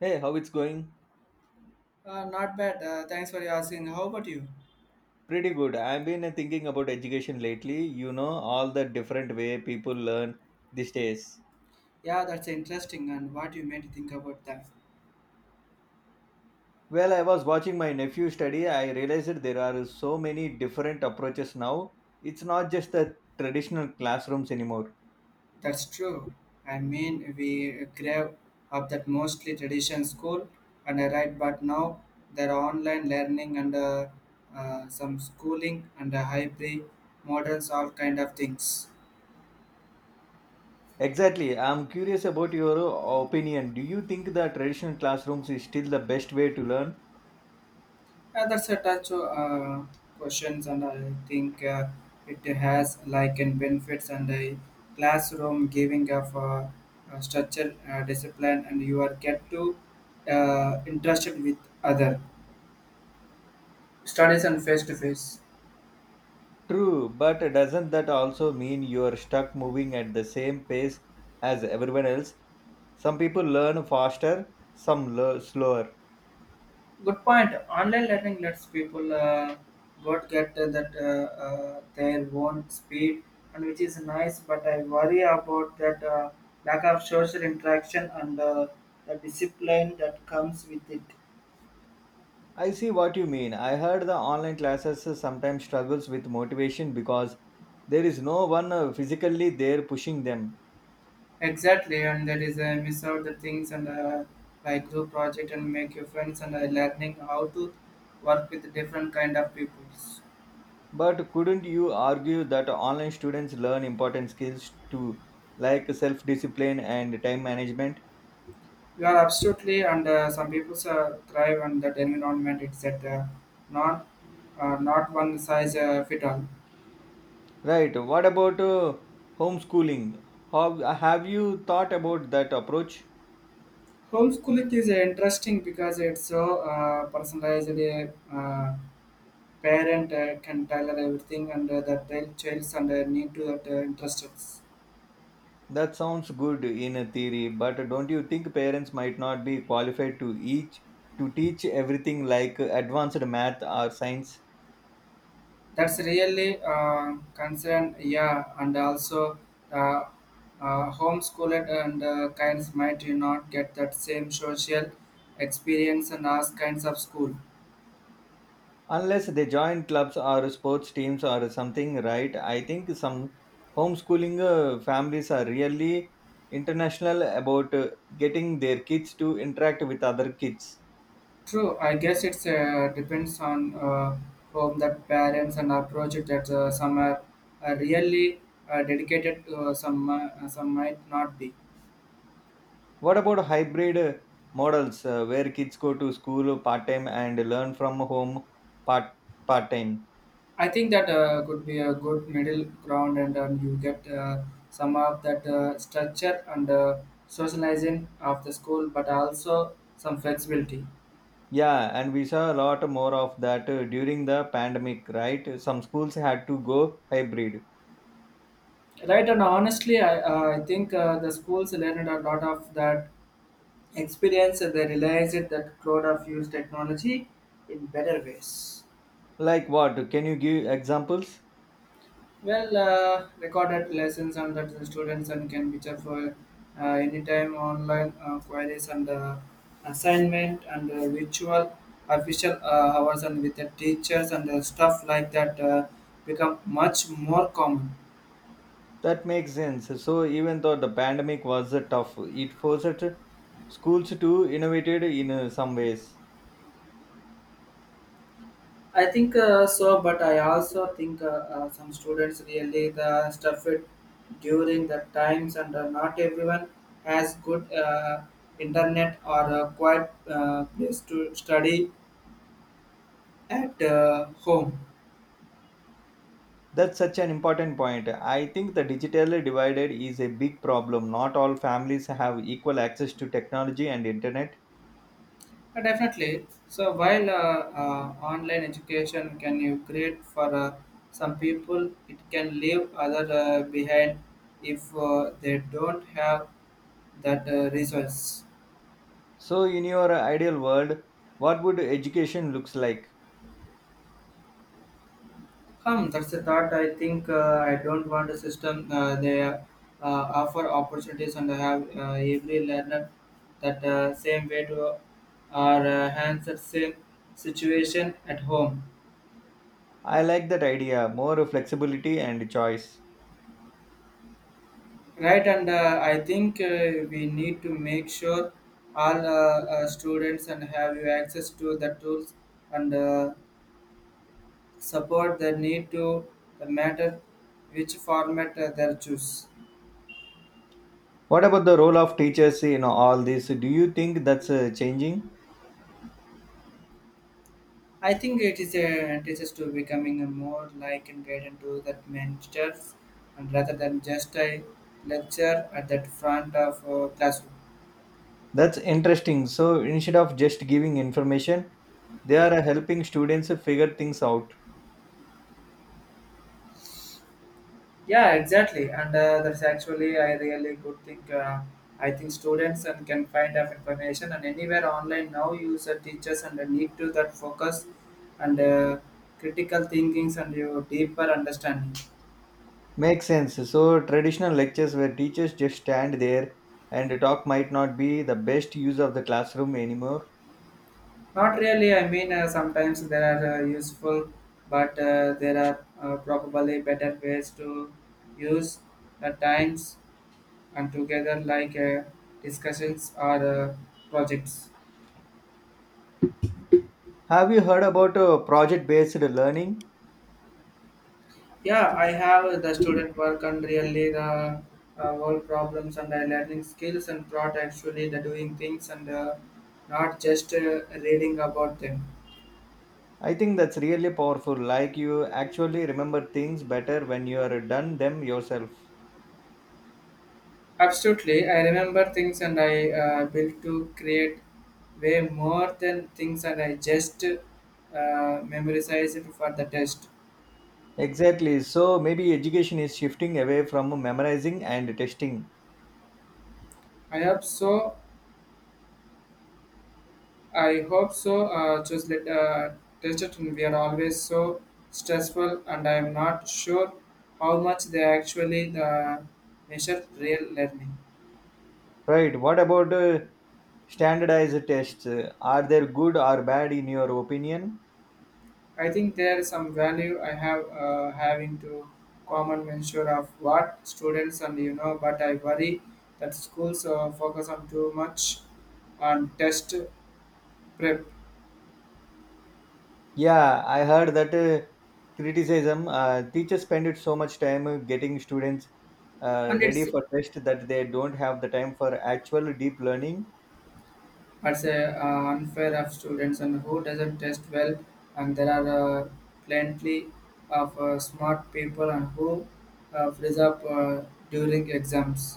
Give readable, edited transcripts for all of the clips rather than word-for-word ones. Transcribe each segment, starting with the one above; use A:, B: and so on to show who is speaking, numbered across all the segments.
A: Hey, how it's going?
B: Not bad. Thanks for asking. How about you?
A: Pretty good. I've been thinking about education lately, you know, all the different way people learn these days.
B: Yeah, that's interesting. And what you made think about that?
A: Well, I was watching my nephew study, I realized that there are so many different approaches now. It's not just the traditional classrooms anymore.
B: That's true. I mean, we grab up that mostly tradition school and I write, but now there are online learning and some schooling and hybrid models, all kind of things.
A: Exactly. I'm curious about your opinion. Do you think the traditional classrooms is still the best way to learn?
B: Yeah, that's a touch questions, and I think it has like in benefits and a classroom giving of structure, discipline, and you are get to interested with other studies and face to face.
A: True, but doesn't that also mean you're stuck moving at the same pace as everyone else? Some people learn faster, some learn slower.
B: Good point. Online learning lets people what get that their own speed, and which is nice. But I worry about that lack of social interaction and the discipline that comes with it.
A: I see what you mean. I heard the online classes sometimes struggles with motivation because there is no one physically there pushing them.
B: Exactly, and that is I miss out the things and like group project and make your friends and learning how to work with different kind of peoples.
A: But couldn't you argue that online students learn important skills too, like self-discipline and time management?
B: You are absolutely, and some people thrive on that environment. It's that not not one size fit all.
A: Right. What about homeschooling? How have you thought about that approach?
B: Homeschooling is interesting because it's so personalized. A parent can tailor everything, and the child's and need to that interests.
A: That sounds good in a theory, but don't you think parents might not be qualified to each to teach everything like advanced math or science
B: That's really concerned, yeah, and also uh, homeschooled and kinds might you not get that same social experience and as kinds of school.
A: unless they join clubs or sports teams or something, right? I think some homeschooling families are really international about getting their kids to interact with other kids.
B: True, I guess it's depends on home that parents and approach it that some are really dedicated to some might not be.
A: What about hybrid models where kids go to school part time and learn from home part part time?
B: I think that could be a good middle ground, and you get some of that structure and socializing of the school, but also some flexibility.
A: Yeah, and we saw a lot more of that during the pandemic, right? Some schools had to go hybrid.
B: Right, and honestly, I think the schools learned a lot of that experience, and they realized that cloud of use technology in better ways.
A: Like what? Can you give examples?
B: Well, recorded lessons and that the students and can be checked for anytime online queries and assignment and virtual official hours and with the teachers and stuff like that become much more common.
A: That makes sense. So even though the pandemic was tough, it forced schools to innovate in some ways.
B: I think so, but I also think some students really the stuff it during the times and not everyone has good internet or a quiet place to study at home.
A: That's such an important point. I think the digitally divided is a big problem. Not all families have equal access to technology and internet.
B: Definitely. So while online education can you create for some people, it can leave other behind if they don't have that resource.
A: So in your ideal world, what would education looks like?
B: Hmm, that's the thought. I think I don't want a system. They offer opportunities and have every learner that same way to or hands the same situation at home.
A: I like that idea, more flexibility and choice.
B: Right, and I think we need to make sure all students and have you access to the tools and support the need to the matter which format they choose.
A: What about the role of teachers in all this? Do you think that's changing?
B: I think it is a teaches to becoming a more like and guided to that mentors and rather than just a lecture at that front of classroom.
A: That's interesting. So instead of just giving information, they are helping students figure things out.
B: Yeah, exactly, and that's actually I really good thing. I think students and can find out information and anywhere online now. Use the teachers and the need to that focus and critical thinkings and your deeper understanding.
A: Makes sense. So, traditional lectures where teachers just stand there and talk might not be the best use of the classroom anymore.
B: Not really. I mean, sometimes there are useful, but there are probably better ways to use the times and together like discussions or projects.
A: Have you heard about project based learning?
B: Yeah, I have the student work and really the world problems and learning skills and brought actually the doing things and not just reading about them.
A: I think that's really powerful. Like you actually remember things better when you are done them yourself.
B: Absolutely, I remember things and I built to create way more than things and I just memorize it for the test.
A: Exactly. So, maybe education is shifting away from memorizing and testing.
B: I hope so. I hope so. Just let test it, and we are always so stressful, and I am not sure how much they actually measure real learning.
A: Right. What about standardized tests? Are they good or bad in your opinion?
B: I think there is some value I have having to common measure of what students and you know, but I worry that schools focus on too much on test prep,
A: Yeah, I heard that criticism teachers spend it so much time getting students
B: and
A: ready
B: it's
A: for test that they don't have the time for actual deep learning.
B: It's uh, unfair of students and who doesn't test well, and there are plenty of smart people and who freeze up during exams.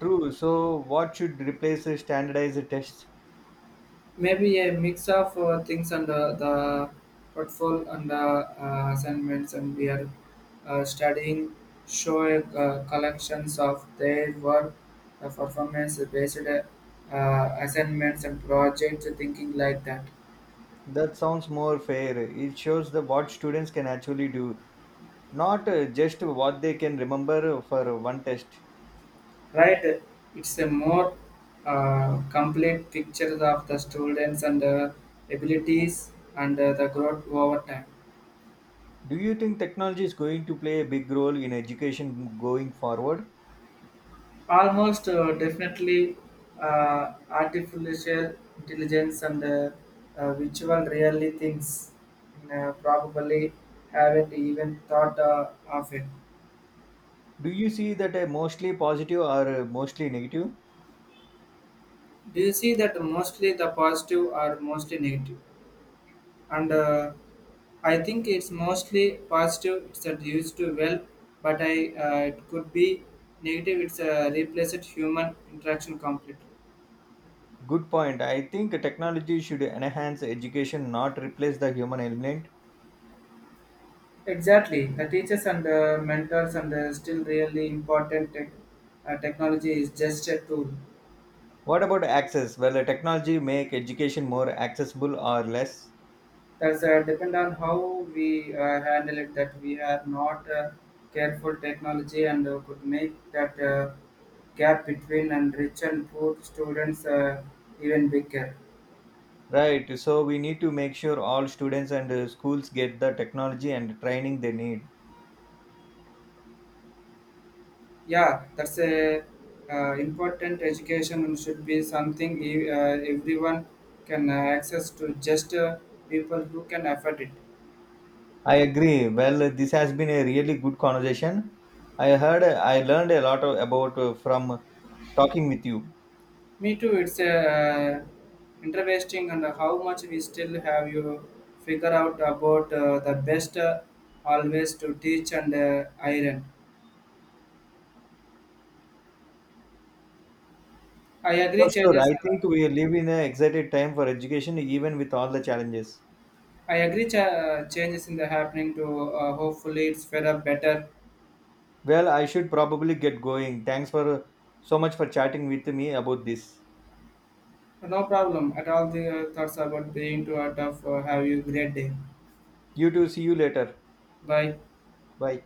A: True. So, what should replace standardized tests?
B: Maybe a mix of things and the portfolio and the assignments, and we are studying show collections of their work, performance based assignments and projects, thinking like that.
A: That sounds more fair. It shows the what students can actually do, not just what they can remember for one test.
B: Right, it's a more complete picture of the students and abilities and the growth over time.
A: Do you think technology is going to play a big role in education going forward?
B: Almost definitely artificial intelligence and virtual really things probably haven't even thought of it.
A: Do you see that mostly positive or mostly negative?
B: Do you see that mostly the positive or mostly negative? And I think it's mostly positive. It's that used to well, but I it could be negative. It's a replaced human interaction completely.
A: Good point. I think technology should enhance education, not replace the human element.
B: Exactly, the teachers and the mentors and the still really important. Technology is just a tool.
A: What about access? Well, the technology make education more accessible or less,
B: That's depend on how we handle it. That we are not careful technology and could make that gap between and rich and poor students even bigger.
A: right? So we need to make sure all students and schools get the technology and training they need.
B: Yeah, that's a important education should be something everyone can access to just people who can afford it.
A: I agree. Well, this has been a really good conversation. I learned a lot of- about from talking with you.
B: Me too. It's interesting and how much we still have you figure out about the best always to teach and iron. I
A: For
B: agree.
A: sure,
B: Changes.
A: I think we live in an excited time for education, even with all the challenges.
B: I agree. Changes in the happening to hopefully it's fed better.
A: Well, I should probably get going. Thanks for so much for chatting with me about this.
B: No problem at all. The thoughts about being too out of have you great day.
A: You too. See you later.
B: Bye.
A: Bye.